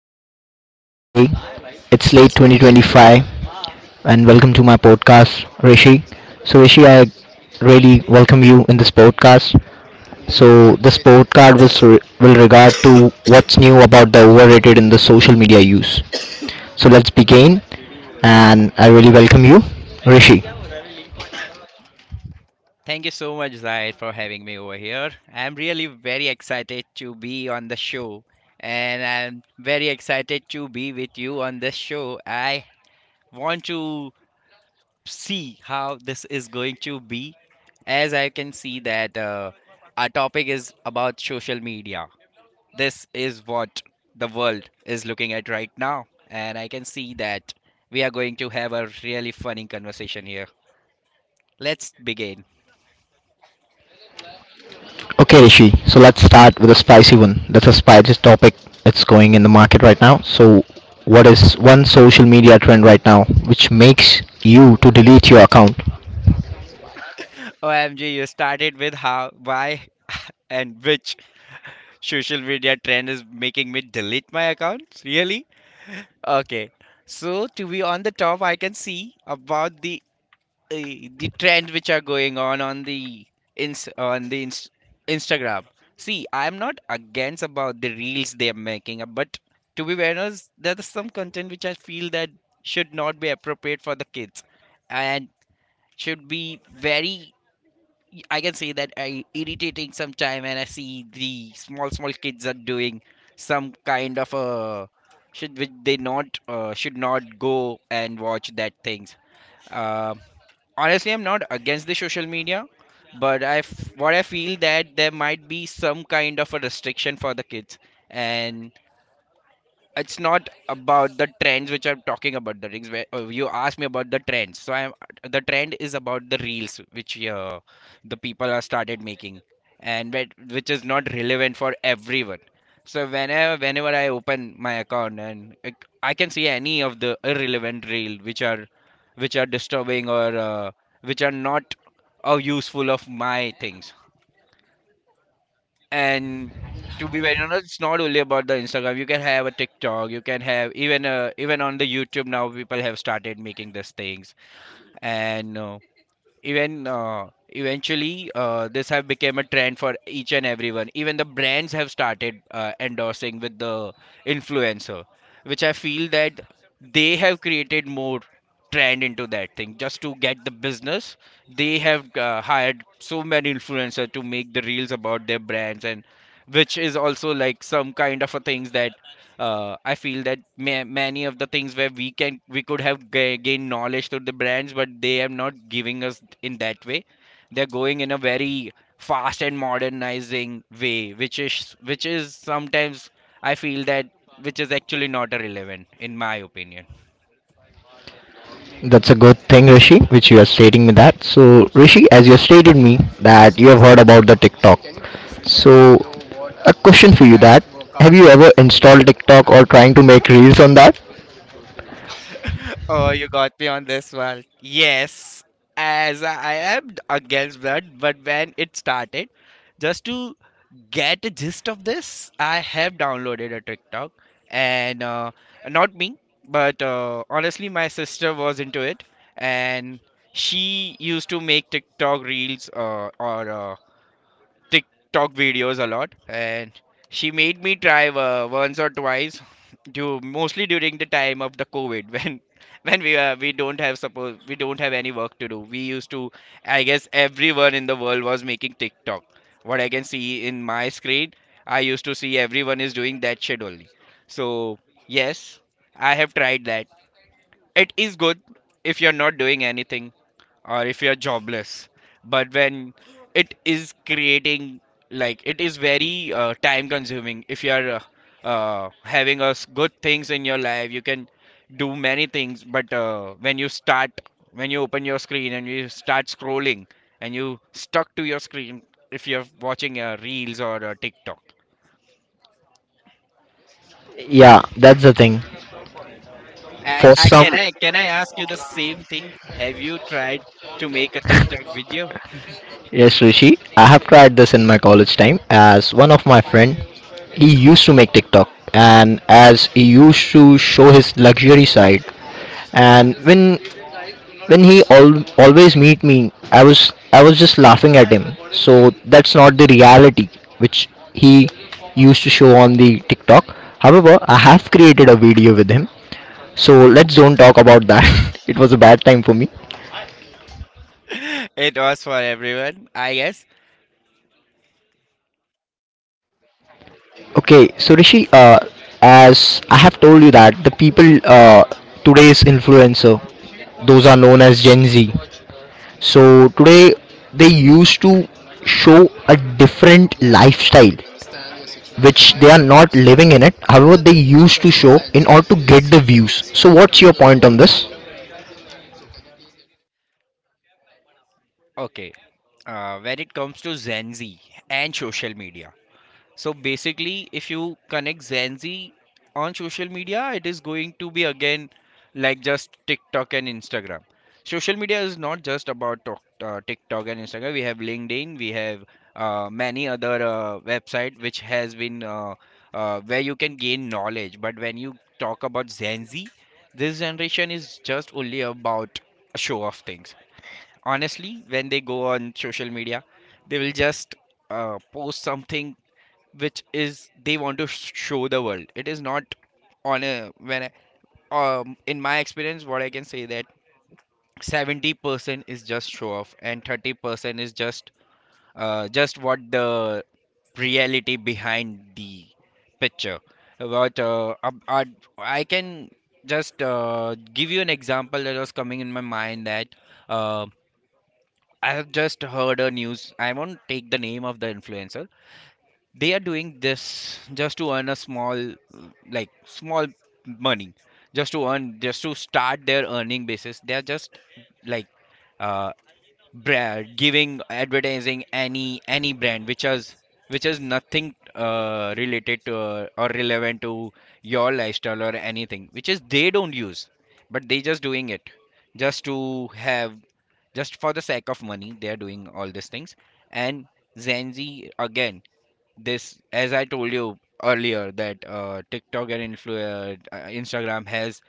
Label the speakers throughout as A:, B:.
A: TP channel of ZK. It's late 2025 and welcome to my podcast, Rishi. So Rishi, I really welcome you in this podcast. So this podcast will regard to what's new about the overrated in the social media use. So let's begin and I really welcome you, Rishi.
B: Thank you so much, Zaid, for having me over here. I'm really very excited to be on the show, and I'm very excited to be with you on this show. I want to see how this is going to be, as I can see that our topic is about social media. This is what the world is looking at right now, and I can see that we are going to have a really funny conversation here. Let's begin.
A: Okay, Rishi. So let's start with a spicy one. That's a spicy topic. It's going in the market right now. So, what is one social media trend right now which makes you to delete your account?
B: OMG, you started with how, why, and which social media trend is making me delete my accounts? Really? Okay. So to be on the top, I can see about the the trends which are going on the ins on the ins Instagram. See, I'm not against about the reels they are making, but to be very honest, there's some content which I feel that should not be appropriate for the kids and should be very I can say that I irritating sometime, and I see the small small kids are doing some kind of a should which they not should not go and watch that things. Uh, Honestly, I'm not against the social media, but what I feel that there might be some kind of a restriction for the kids, and it's not about the trends which I'm talking about. The rings where you asked me about the trends. So I'm the trend is about the reels which the people are started making, and which is not relevant for everyone. So whenever I open my account and I can see any of the irrelevant reel which are disturbing or which are not useful of my things. And to be very honest, it's not only about the Instagram. You can have a TikTok. You can have even even on the YouTube now. People have started making these things, and even eventually this have become a trend for each and everyone, even the brands have started endorsing with the influencer, which I feel that they have created more trend into that thing just to get the business. They have hired so many influencer to make the reels about their brands, and which is also like some kind of a things that I feel that many of the things where we could have gained knowledge through the brands, but they are not giving us in that way. They're going in a very fast and modernizing way, which is sometimes I feel that which is actually not relevant in my opinion.
A: That's a good thing, Rishi, which you are stating me that. So, Rishi, as you have stated me that you have heard about the TikTok. So, a question for you that have you ever installed TikTok or trying to make reels on that?
B: Oh, you got me on this one. Yes, as I am against that, but when it started, just to get a gist of this, I have downloaded a TikTok, and not me, but honestly, my sister was into it, and she used to make TikTok reels or TikTok videos a lot, and she made me try once or twice, do mostly during the time of the COVID when when we don't have, suppose we don't have any work to do. We used to, I guess, everyone in the world was making TikTok. What I can see in my screen, I used to see everyone is doing that shit only. So yes, I have tried that. It is good if you're not doing anything or if you're jobless, but when it is creating, like it is very time consuming. If you are having a good things in your life, you can do many things, but when you start, when you open your screen and you start scrolling and you stuck to your screen if you're watching reels or tiktok.
A: Yeah, that's the thing.
B: I,
A: For
B: I
A: some.
B: can I can I ask you the same thing? Have you tried to make a TikTok video?
A: Yes, Rishi. I have tried this in my college time as one of my friend. He used to make TikTok and as he used to show his luxury side. And when he always meet me, I was just laughing at him. So that's not the reality which he used to show on the TikTok. However, I have created a video with him. So let's don't talk about that. It was a bad time for me.
B: It was for everyone, I guess.
A: Okay, so Rishi, as I have told you that the people today's influencer, those are known as Gen Z. So today they used to show a different lifestyle which they are not living in it. However, they used to show in order to get the views. So what's your point on this?
B: Okay. When it comes to Gen Z and social media. So basically, if you connect Gen Z on social media, it is going to be again like just TikTok and Instagram. Social media is not just about TikTok and Instagram. We have LinkedIn, we have many other website which has been where you can gain knowledge. But when you talk about Gen Z, this generation is just only about a show of things. Honestly, when they go on social media, they will just post something which is they want to show the world. It is not on a when I, in my experience, what I can say that 70% is just show off and 30% is just what the reality behind the picture about I can just give you an example that was coming in my mind, that um I have just heard a news. I won't take the name of the influencer. They are doing this just to earn a small, like small money, just to earn, just to start their earning basis. They are just like uh, brand giving advertising any brand which is nothing related to or relevant to your lifestyle or anything, which is they don't use, but they just doing it just to have, just for the sake of money they are doing all these things. And Gen Z again, this as I told you earlier that TikTok and Instagram has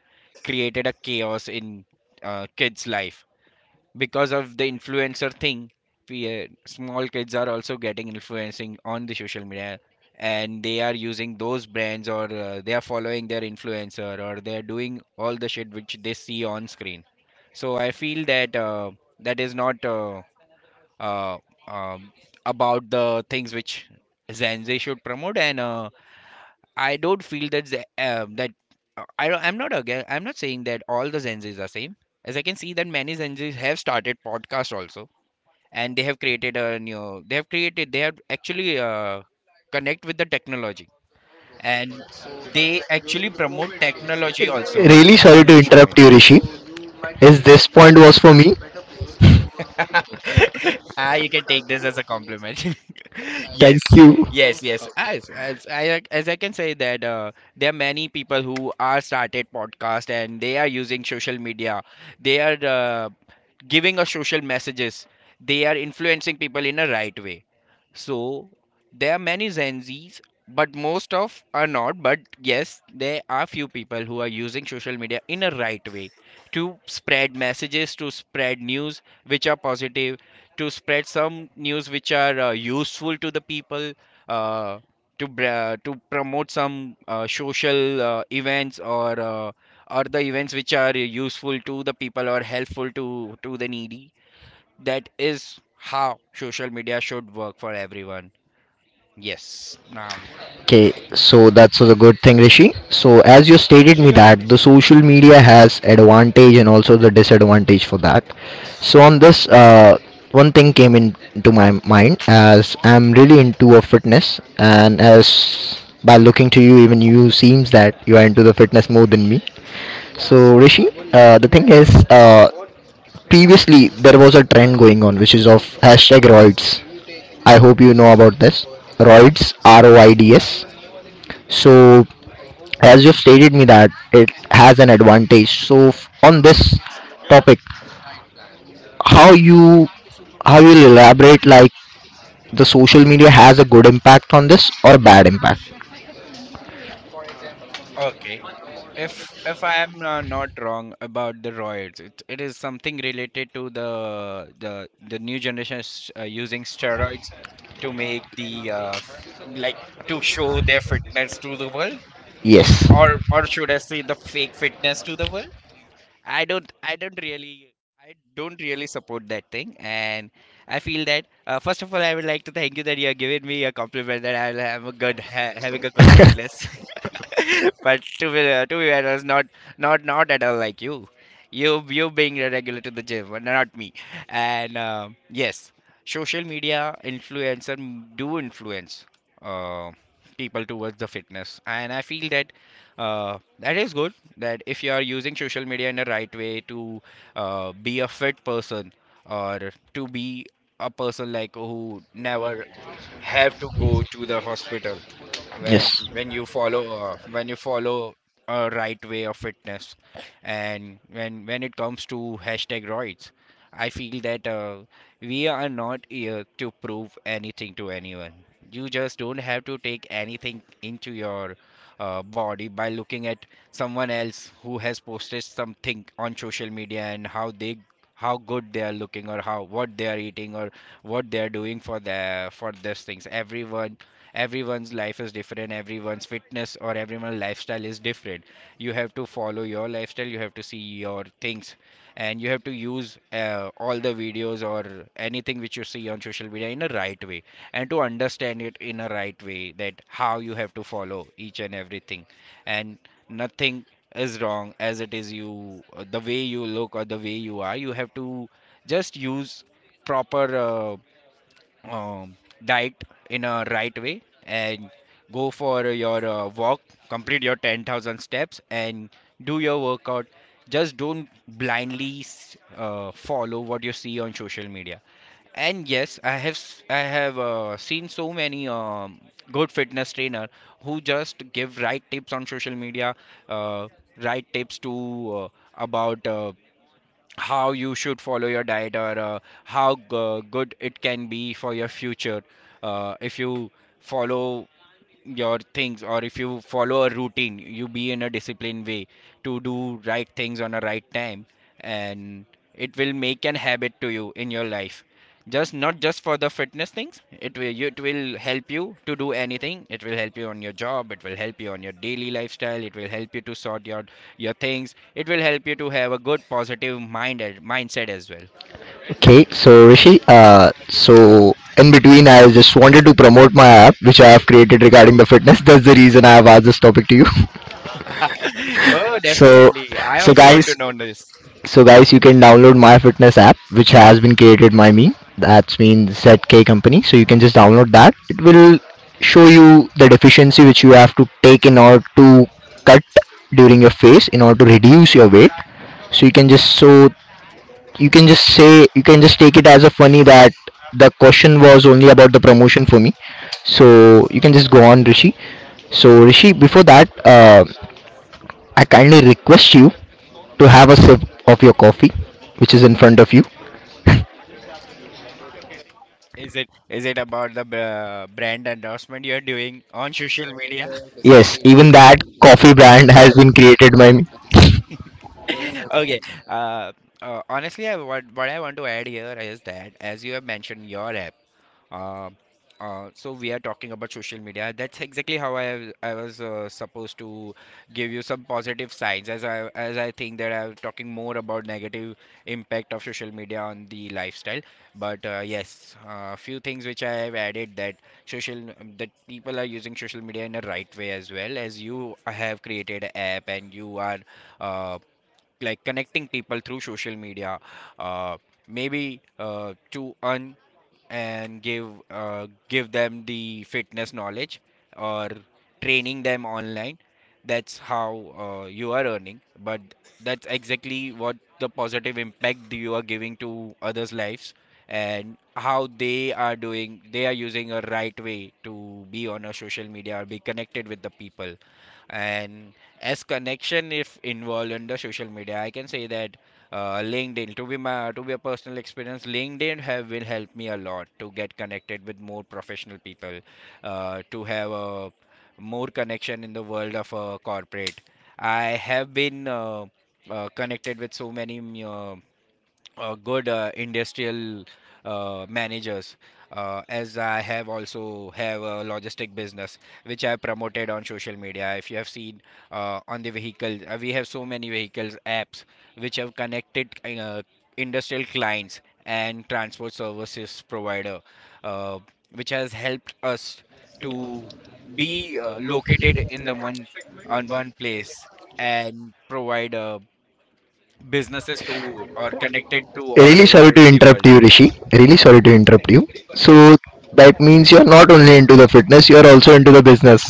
B: created a chaos in kids life because of the influencer thing. Small kids are also getting influencing on the social media, and they are using those brands or they are following their influencer or they are doing all the shit which they see on screen. So I feel that that is not uh, um, about the things which Gen Z should promote. And I don't feel that I don't, I'm not, again, I'm not saying that all the Gen Zs are same, as I can see that many Gen Zs have started podcast also, and they have created, they have actually connect with the technology, and they actually promote technology also
A: Really sorry
B: on
A: to
B: social
A: interrupt
B: media.
A: you, Rishi. Is this point was for me?
B: Ah, you can take this as a compliment.
A: Thank
B: Yes,
A: you.
B: yes, yes. As I can say that there are many people who are started podcast and they are using social media. They are giving us social messages. They are influencing people in a right way. So there are many Gen Zs, but most of are not. But yes, there are few people who are using social media in a right way to spread messages, to spread news which are positive, to spread some news which are useful to the people, uh, to promote some social events or the events which are useful to the people or helpful to the needy. That is how social media should work for everyone. Yes, now
A: Okay, so that's a good thing, Rishi. So as you stated me that the social media has advantage and also the disadvantage for that. So on this, one thing came into my mind as I'm really into a fitness, and as by looking to you, even you seems that you are into the fitness more than me. So Rishi, the thing is, previously there was a trend going on which is of hashtag roids. I hope you know about this. Roids, R O I D S. So as you stated me that it has an advantage so on this topic how you how you elaborate like the social media has a good impact on this or bad impact.
B: okay, if if I am not wrong about the roids, it is something related to the the new generation is, using steroids to make the like to show their fitness to the world,
A: Yes.
B: or should I say the fake fitness to the world. I don't I don't really I don't really support that thing. And I feel that first of all, I would like to thank you that you are giving me a compliment that I'll have a good having a good fitness. But to be fair, I was not at all like you. You being a regular to the gym, but not me. And yes, social media influencer do influence uh, people towards the fitness, and I feel that that is good. That if you are using social media in the right way to be a fit person or to be a person like who never have to go to the hospital when
A: Yes.
B: when you follow a right way of fitness. And when it comes to hashtag roids, I feel that we are not here to prove anything to anyone. You just don't have to take anything into your body by looking at someone else who has posted something on social media and how good they are looking or how, what they are eating, or what they are doing for their for these things. Everyone's life is different, everyone's fitness or everyone's lifestyle is different. You have to follow your lifestyle, you have to see your things, and you have to use all the videos or anything which you see on social media in a right way, and to understand it in a right way, that how you have to follow each and everything. And nothing is wrong as it is. You the way you look or the way you are, you have to just use proper um, diet in a right way, and go for your walk, complete your 10,000 steps and do your workout. Just don't blindly follow what you see on social media. And yes, I have seen so many good fitness trainer who just give right tips on social media, uh, right tips to uh, about how you should follow your diet, or how good it can be for your future if you follow your things, or if you follow a routine, you be in a disciplined way to do right things on a right time. And it will make an habit to you in your life. Just not just for the fitness things, it will you, it will help you to do anything, it will help you on your job, it will help you on your daily lifestyle, it will help you to sort your things, it will help you to have a good positive mindset as well.
A: Okay, so Rishi, so in between I just wanted to promote my app which I have created regarding the fitness. That's the reason I have asked this topic to you.
B: Oh,
A: So,
B: definitely, I
A: so
B: also want
A: guys,
B: to know this.
A: so guys, you can download MyFitness app, which has been created by me. That's mean ZK company. So you can just download that. It will show you the deficiency which you have to take in order to cut during your phase in order to reduce your weight. So you can just, so you can just say, you can just take it as a funny that the question was only about the promotion for me. So you can just go on, Rishi. So Rishi, before that, I kindly request you to have a sip of your coffee, which is in front of you.
B: Is it about the brand endorsement you're doing on social media?
A: Yes, even that coffee brand has been created by me.
B: Okay. Uh, honestly, I, what I want to add here is that as you have mentioned your app, Uh, so we are talking about social media. That's exactly how I was supposed to give you some positive signs, as I think that I'm talking more about negative impact of social media on the lifestyle. But yes, a few things which I have added that social that people are using social media in a right way, as well as you have created an app and you are uh, like connecting people through social media. Uh, maybe to earn and give give them the fitness knowledge or training them online. That's how you are earning, but that's exactly what the positive impact you are giving to others' lives, and how they are doing, they are using a right way to be on a social media or be connected with the people. And as connection if involved under social media, I can say that, LinkedIn to be my to be a personal experience, LinkedIn have will help me a lot to get connected with more professional people, to have a more connection in the world of corporate. I have been connected with so many good industrial managers, as I have also have a logistic business which I promoted on social media, if you have seen, on the vehicles, we have so many vehicles apps which have connected industrial clients and transport services provider, uh, which has helped us to be located in the one on one place and provide a businesses to or connected to all
A: Really sorry
B: over
A: to
B: the
A: interrupt
B: world.
A: you, Rishi. Really sorry to interrupt you. So
B: Yes,
A: that means you're not only into the fitness, you're also into the business.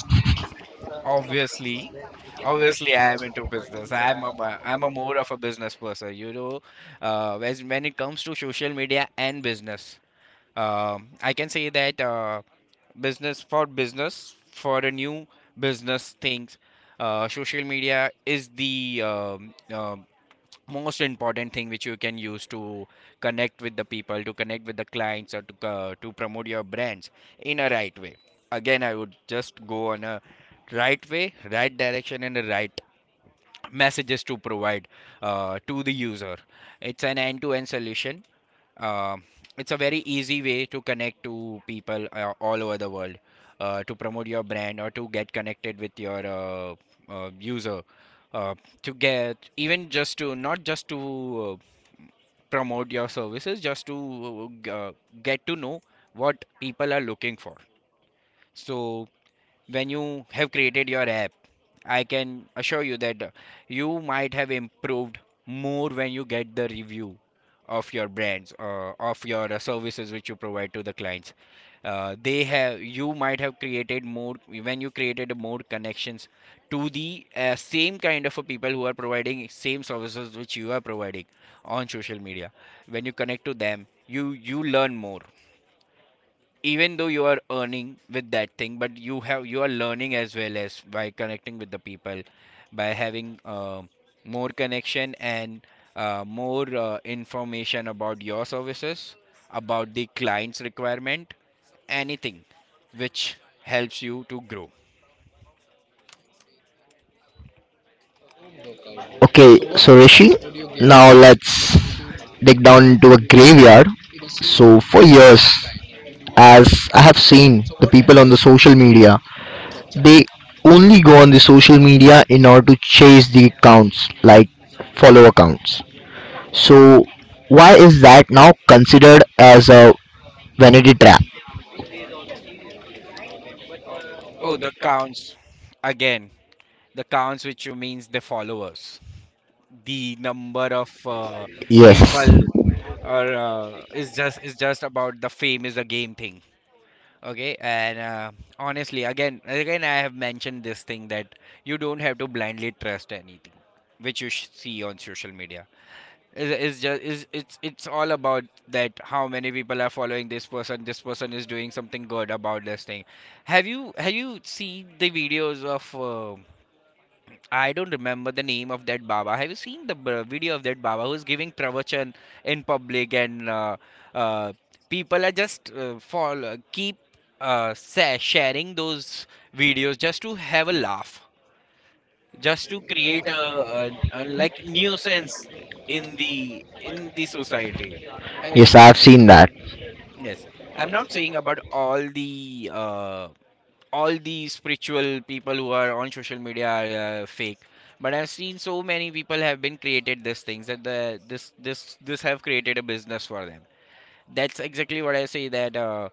B: obviously, obviously I am into business. I'm a I'm a more of a business person, you know. As when it comes to social media and business, I can say that business for a new business things, social media is the most important thing which you can use to connect with the people, to connect with the clients, or to promote your brands in a right way. Again, I would just go on a right way, right direction, and the right messages to provide to the user. It's an end-to-end solution. um, it's a very easy way to connect to people all over the world, to promote your brand, or to get connected with your user, uh, to get even, just to not just to promote your services, just to uh, g- uh, get to know what people are looking for. So when you have created your app, I can assure you that you might have improved more when you get the review of your brands, of your services which you provide to the clients. They have you might have created more when you created more connections to the same kind of a people who are providing same services which you are providing on social media. When you connect to them, you learn more. Even though you are earning with that thing, but you have you are learning as well as by connecting with the people, by having more connection, and more information about your services, about the client's requirement, anything which helps you to grow.
A: Okay, so Rishi, now let's dig down into a graveyard. So for years, as I have seen the people on the social media, they only go on the social media in order to chase the accounts like follow accounts. So why is that now considered as a vanity trap?
B: Oh, the counts. Again, the counts which you means the followers, the number of
A: Yes.
B: people, or is just about the fame, is a game thing. Okay, and honestly, again, I have mentioned this thing that you don't have to blindly trust anything which you see on social media. Is is just is it's all about that how many people are following this person. This person is doing something good about this thing. Have you seen the videos of? I don't remember the name of that Baba. Have you seen the video of that Baba who's giving pravachan in public? And uh, people are just fall keep sharing those videos, just to have a laugh, just to create a, a like nuisance in the society. I,
A: Yes, I have seen that.
B: yes, I'm not saying about all the spiritual people who are on social media are fake, but I've seen so many people have been created these things, that the this have created a business for them. That's exactly what I say, that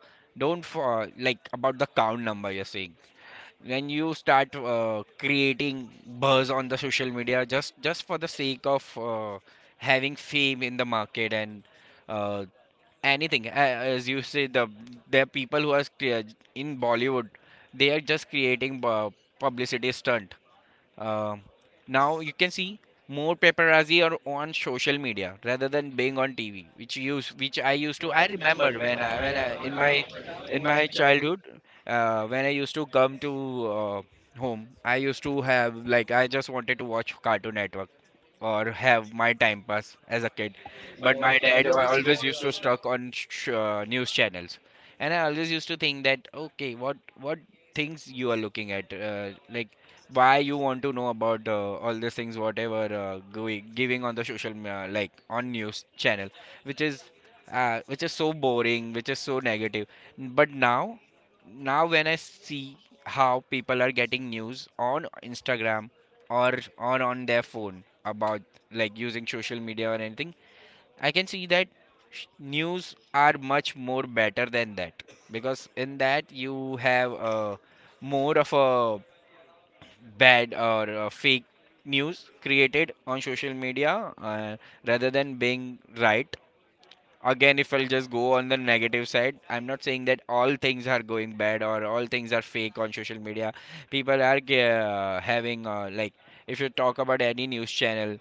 B: don't for like about the count number you're saying, when you start creating buzz on the social media, just for the sake of having fame in the market, and uh, anything as you say, the people who are in Bollywood, they are just creating publicity stunt. Um now you can see more paparazzi are on social media rather than being on TV, which use which I used to, I remember when I in my childhood, when I used to come to uh, home, I used to have like I just wanted to watch Cartoon Network or have my time pass as a kid. But my dad always used to stuck on news channels, and I always used to think that, okay, what things you are looking at, like, why you want to know about all these things, whatever going giving on the like on news channel, which is which is so boring, which is so negative. But now, when I see how people are getting news on Instagram or on their phone about, like, using social media or anything, I can see that news are much more better than that, because in that you have more of a bad or a fake news created on social media, rather than being right. Again, if I'll just go on the negative side, I'm not saying that all things are going bad or all things are fake on social media. People are having like, if you talk about any news channel,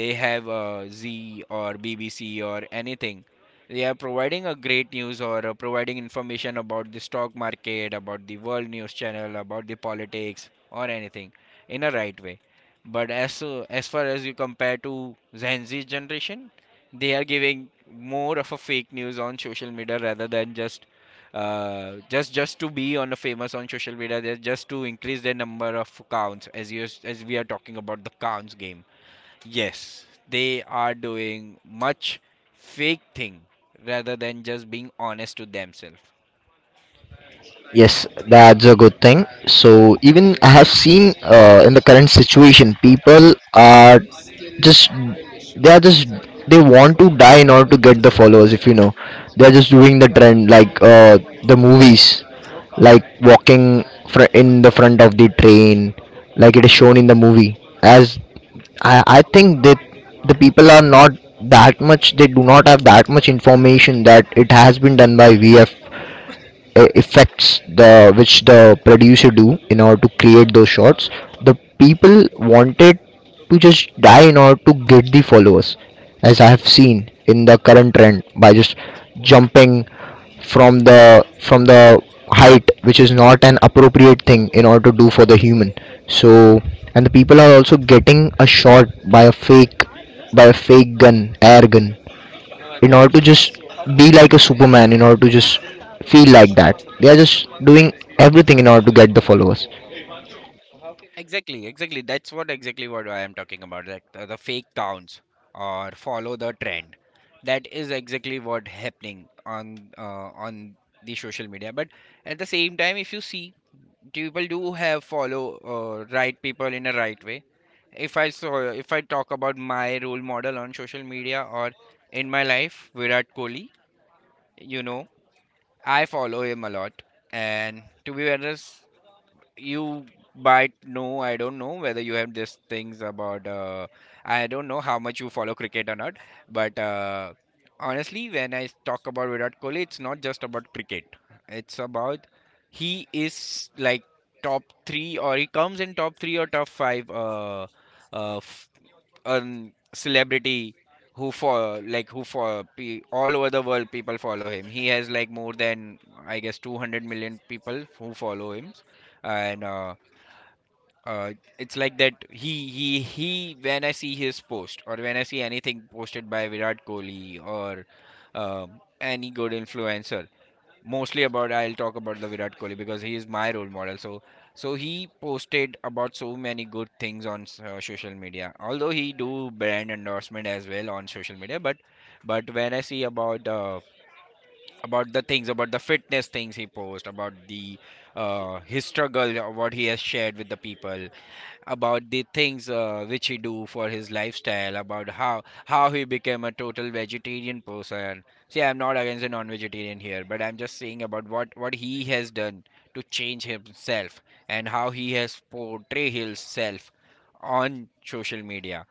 B: they have Z or BBC or anything, they are providing a great news, or providing information about the stock market, about the world news channel, about the politics, or anything, in a right way. But as so, as far as you compare to Gen Z generation, they are giving more of a fake news on social media rather than just just to be on a famous on social media, they're just to increase their number of counts, as you as we are talking about the counts game. Yes, they are doing much fake thing rather than just being honest to themselves.
A: Yes, that's a good thing. So even I have seen in the current situation, people are just, they are just they want to die in order to get the followers. If you know, they are just doing the trend like the movies, like walking in the front of the train, like it is shown in the movie. As I think that the people are not that much, they do not have that much information that it has been done by vf effects the which the producer do in order to create those shots. The people wanted to just die in order to get the followers, as I have seen in the current trend by just jumping from the height which is not an appropriate thing in order to do for the human. So and the people are also getting a shot by a fake, by a fake gun, air gun, in order to just be like a superman in order to just feel like that they are just doing everything in order to get the followers.
B: Exactly, exactly. That's what exactly what I am talking about. Like the fake counts or follow the trend. That is exactly what happening on the social media. But at the same time, if you see, people do have follow right people in a right way. If I talk about my role model on social media or in my life, Virat Kohli, you know, I follow him a lot. And to be honest, you might know, I don't know whether you have just things about. I don't know how much you follow cricket or not but Honestly, when I talk about Virat Kohli, it's not just about cricket, it's about he is like top 3, or he comes in top 3 or top 5 uh, f- a celebrity who for like who for pe- all over the world people follow him. He has like more than, I guess, 200 million people who follow him, and uh, it's like that. He he. When I see his post, or when I see anything posted by Virat Kohli or any good influencer, mostly about I'll talk about the Virat Kohli because he is my role model. So he posted about so many good things on social media. Although he do brand endorsement as well on social media, but when I see about the things, about the fitness things, he post about the his struggle, what he has shared with the people about the things which he do for his lifestyle, about how he became a total vegetarian person. See, I'm not against a non-vegetarian here, but I'm just saying about what he has done to change himself and how he has portray himself on social media.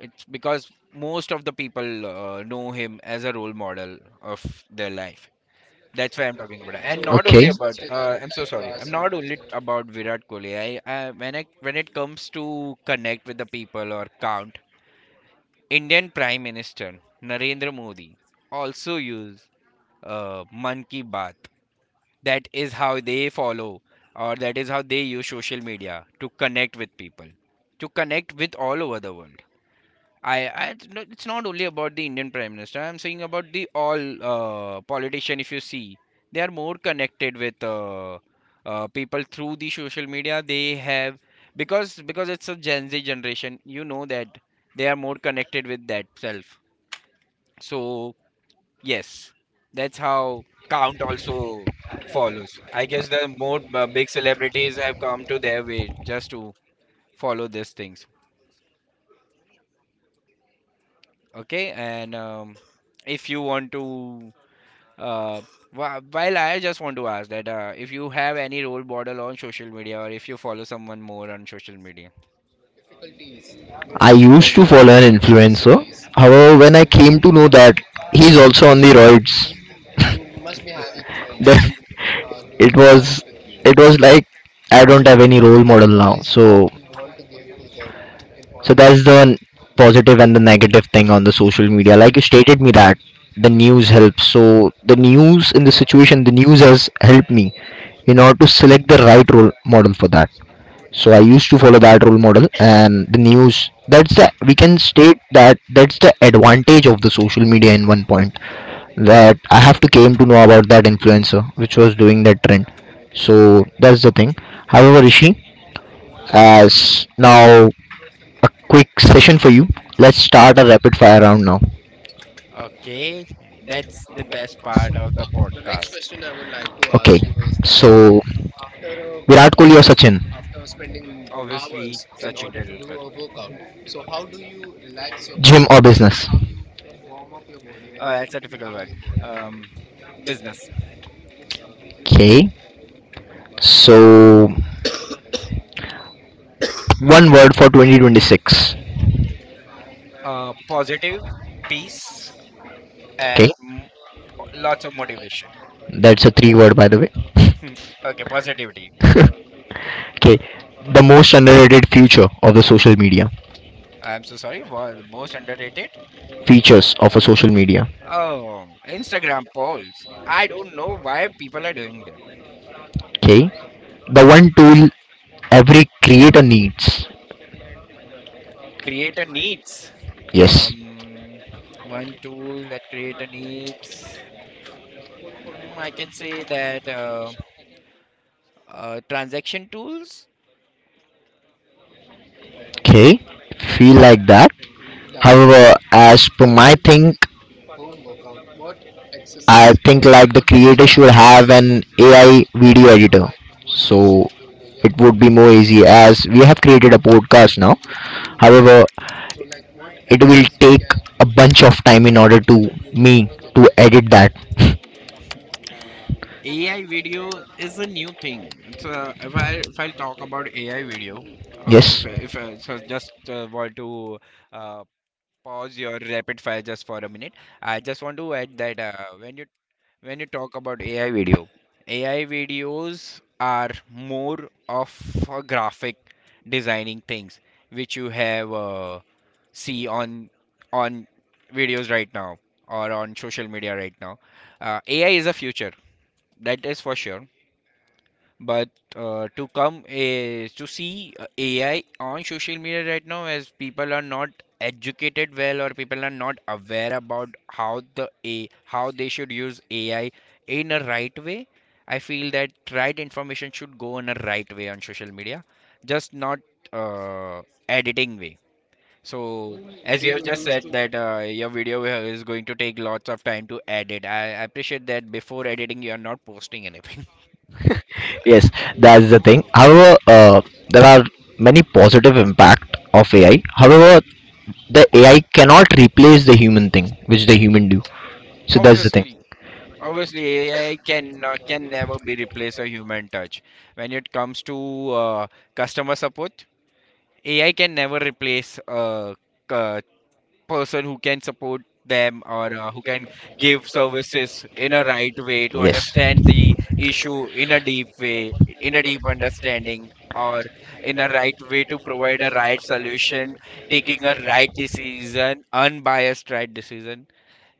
B: It's because most of the people know him as a role model of their life. That's why I'm talking about it. And not only
A: Okay.
B: about I'm so sorry. I'm not only about Virat Kohli. I, when I when it comes to connect with the people or count, Indian Prime Minister Narendra Modi also use Man Ki Baat. That is how they follow, or that is how they use social media to connect with people, to connect with all over the world. I, no, it's not only about the Indian Prime Minister. I'm saying about the all politician. If you see, they are more connected with people through the social media. They have, because it's a Gen Z generation. You know that they are more connected with that self. So yes, that's how count also follows. I guess the more big celebrities have come to their way just to follow these things. Okay, and if you want to Uh, while I just want to ask that if you have any role model on social media, or if you follow someone more on social media.
A: I used to follow an influencer. However, when I came to know that he's also on the roids, then it was, it was like, I don't have any role model now. So that's the positive and the negative thing on the social media, like you stated me that the news helps. So the news in the situation, the news has helped me in order to select the right role model for that. So I used to follow that role model and the news. That's the, we can state that that's the advantage of the social media in one point, that I have to came to know about that influencer which was doing that trend. So that's the thing. However, Rishi, as now a quick session for you, let's start a rapid fire round now.
B: Okay, that's the best part of the podcast.
A: Okay, is, so Virat Kohli or Sachin?
B: Obviously, Sachin Tendulkar.
A: Gym or business?
B: That's a difficult one. Um, business.
A: Okay. So, one word for 2026.
B: Positive, peace,
A: Okay,
B: and lots of motivation.
A: that's a three word by the way.
B: Okay, positivity.
A: Okay, the most underrated feature of the social media,
B: I'm so sorry. The most underrated?
A: features of a social media.
B: Oh, Instagram polls. I don't know why people are doing this.
A: Okay, the one tool every creator needs.
B: Creator needs.
A: Yes.
B: Um, one tool that creator needs. Mm, I can say that transaction tools.
A: Okay, feel like that. However, as per my think, I think like the creator should have an AI video editor. So it would be more easy as we have created a podcast now. However, it will take a bunch of time in order to me to edit that.
B: AI video is a new thing. It's if I talk about AI video,
A: Yes.
B: if I so just want to uh, pause your rapid fire just for a minute. I just want to add that when you talk about AI video, AI videos are more of a graphic designing things which you have see on videos right now or on social media right now. AI is a future, that is for sure, but to come is to see AI on social media right now, as people are not educated well, or people are not aware about how the a how they should use AI in a right way. I feel that right information should go in a right way on social media, just not uh, editing way. So as you have just said that your video is going to take lots of time to edit. I appreciate that before editing you are not posting anything.
A: Yes, that's the thing. However, there are many positive impact of AI. However, the AI cannot replace the human thing which the human do. So that's the thing.
B: Obviously, obviously, AI can never be replace a human touch. When it comes to customer support, AI can never replace a person who can support them, or who can give services in a right way, to
A: Yes.
B: understand the issue in a deep way, in a deep understanding, or in a right way to provide a right solution, taking a right decision, unbiased right decision.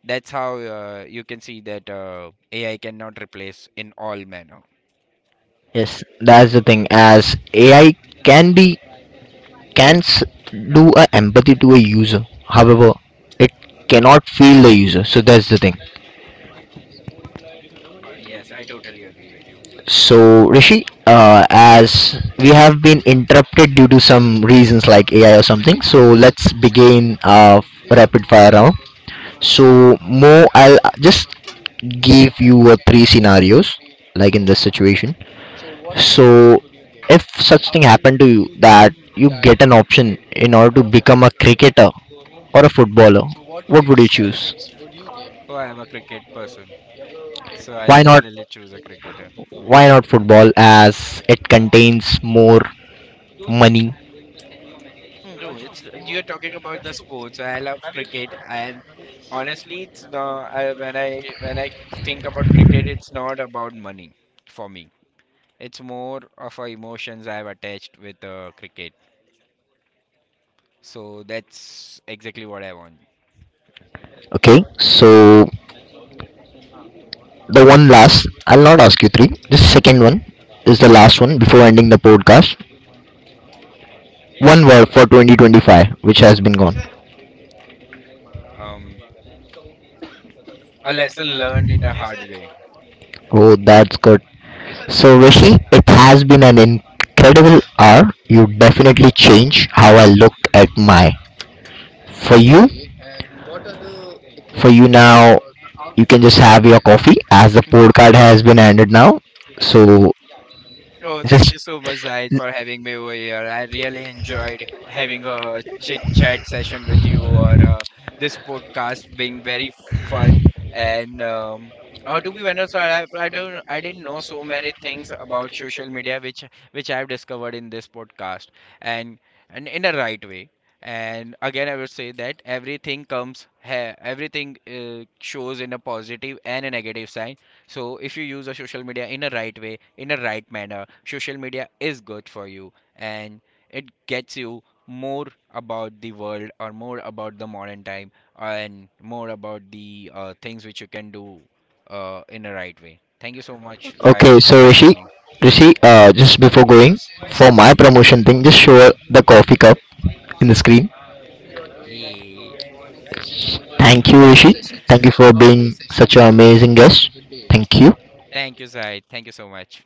B: That's how you can see that AI cannot replace in all manner.
A: Yes, that's the thing, as AI can be, can do a empathy to a user. However, it cannot feel the user. So that's the thing.
B: Yes, I totally agree with you.
A: So Rishi, as we have been interrupted due to some reasons like AI or something, so let's begin rapid fire round. So Mo, I'll just give you three scenarios like in this situation. So if such thing happened to you that you get an option in order to become a cricketer or a footballer, what would you choose?
B: Oh, I am a cricket person, so I'll
A: Why not,
B: definitely choose a cricketer.
A: why not football as it contains more money?
B: Mm, no, it's you're talking about the sports. I love cricket, and honestly, it's not, I, when I think about cricket, it's not about money for me. It's more of a emotions I've attached with cricket. So that's exactly what I want.
A: Okay, so the one last, I'll not ask you three, this second one is the last one before ending the podcast. One word for 2025 which has been gone.
B: Um, a lesson learned in a hard way.
A: Oh, that's good. So Rishi, it has been an incredible hour. You definitely changed how I looked at my, for you, for you now, you can just have your coffee as the podcast has been ended now. So,
B: Oh, thank
A: just,
B: you so much, Zahid, for having me over here. I really enjoyed having a chit chat session with you, or this podcast being very fun. And to be honest, I, don't, I didn't know so many things about social media, which I've discovered in this podcast, and and in the right way. And again, I would say that everything comes, ha everything shows in a positive and a negative side. So if you use a social media in a right way, in a right manner, social media is good for you, and it gets you more about the world, or more about the modern time, and more about the things which you can do in a right way. Thank you so much,
A: I,
B: Zaid,
A: okay.
B: for
A: So
B: having
A: Rishi,
B: me.
A: Rishi, just before going for my promotion thing, just show her the coffee cup in the screen.
B: Yeah.
A: Thank you, Rishi. Thank you for being such an amazing guest. Thank you.
B: Thank you, Zaid. Thank you so much.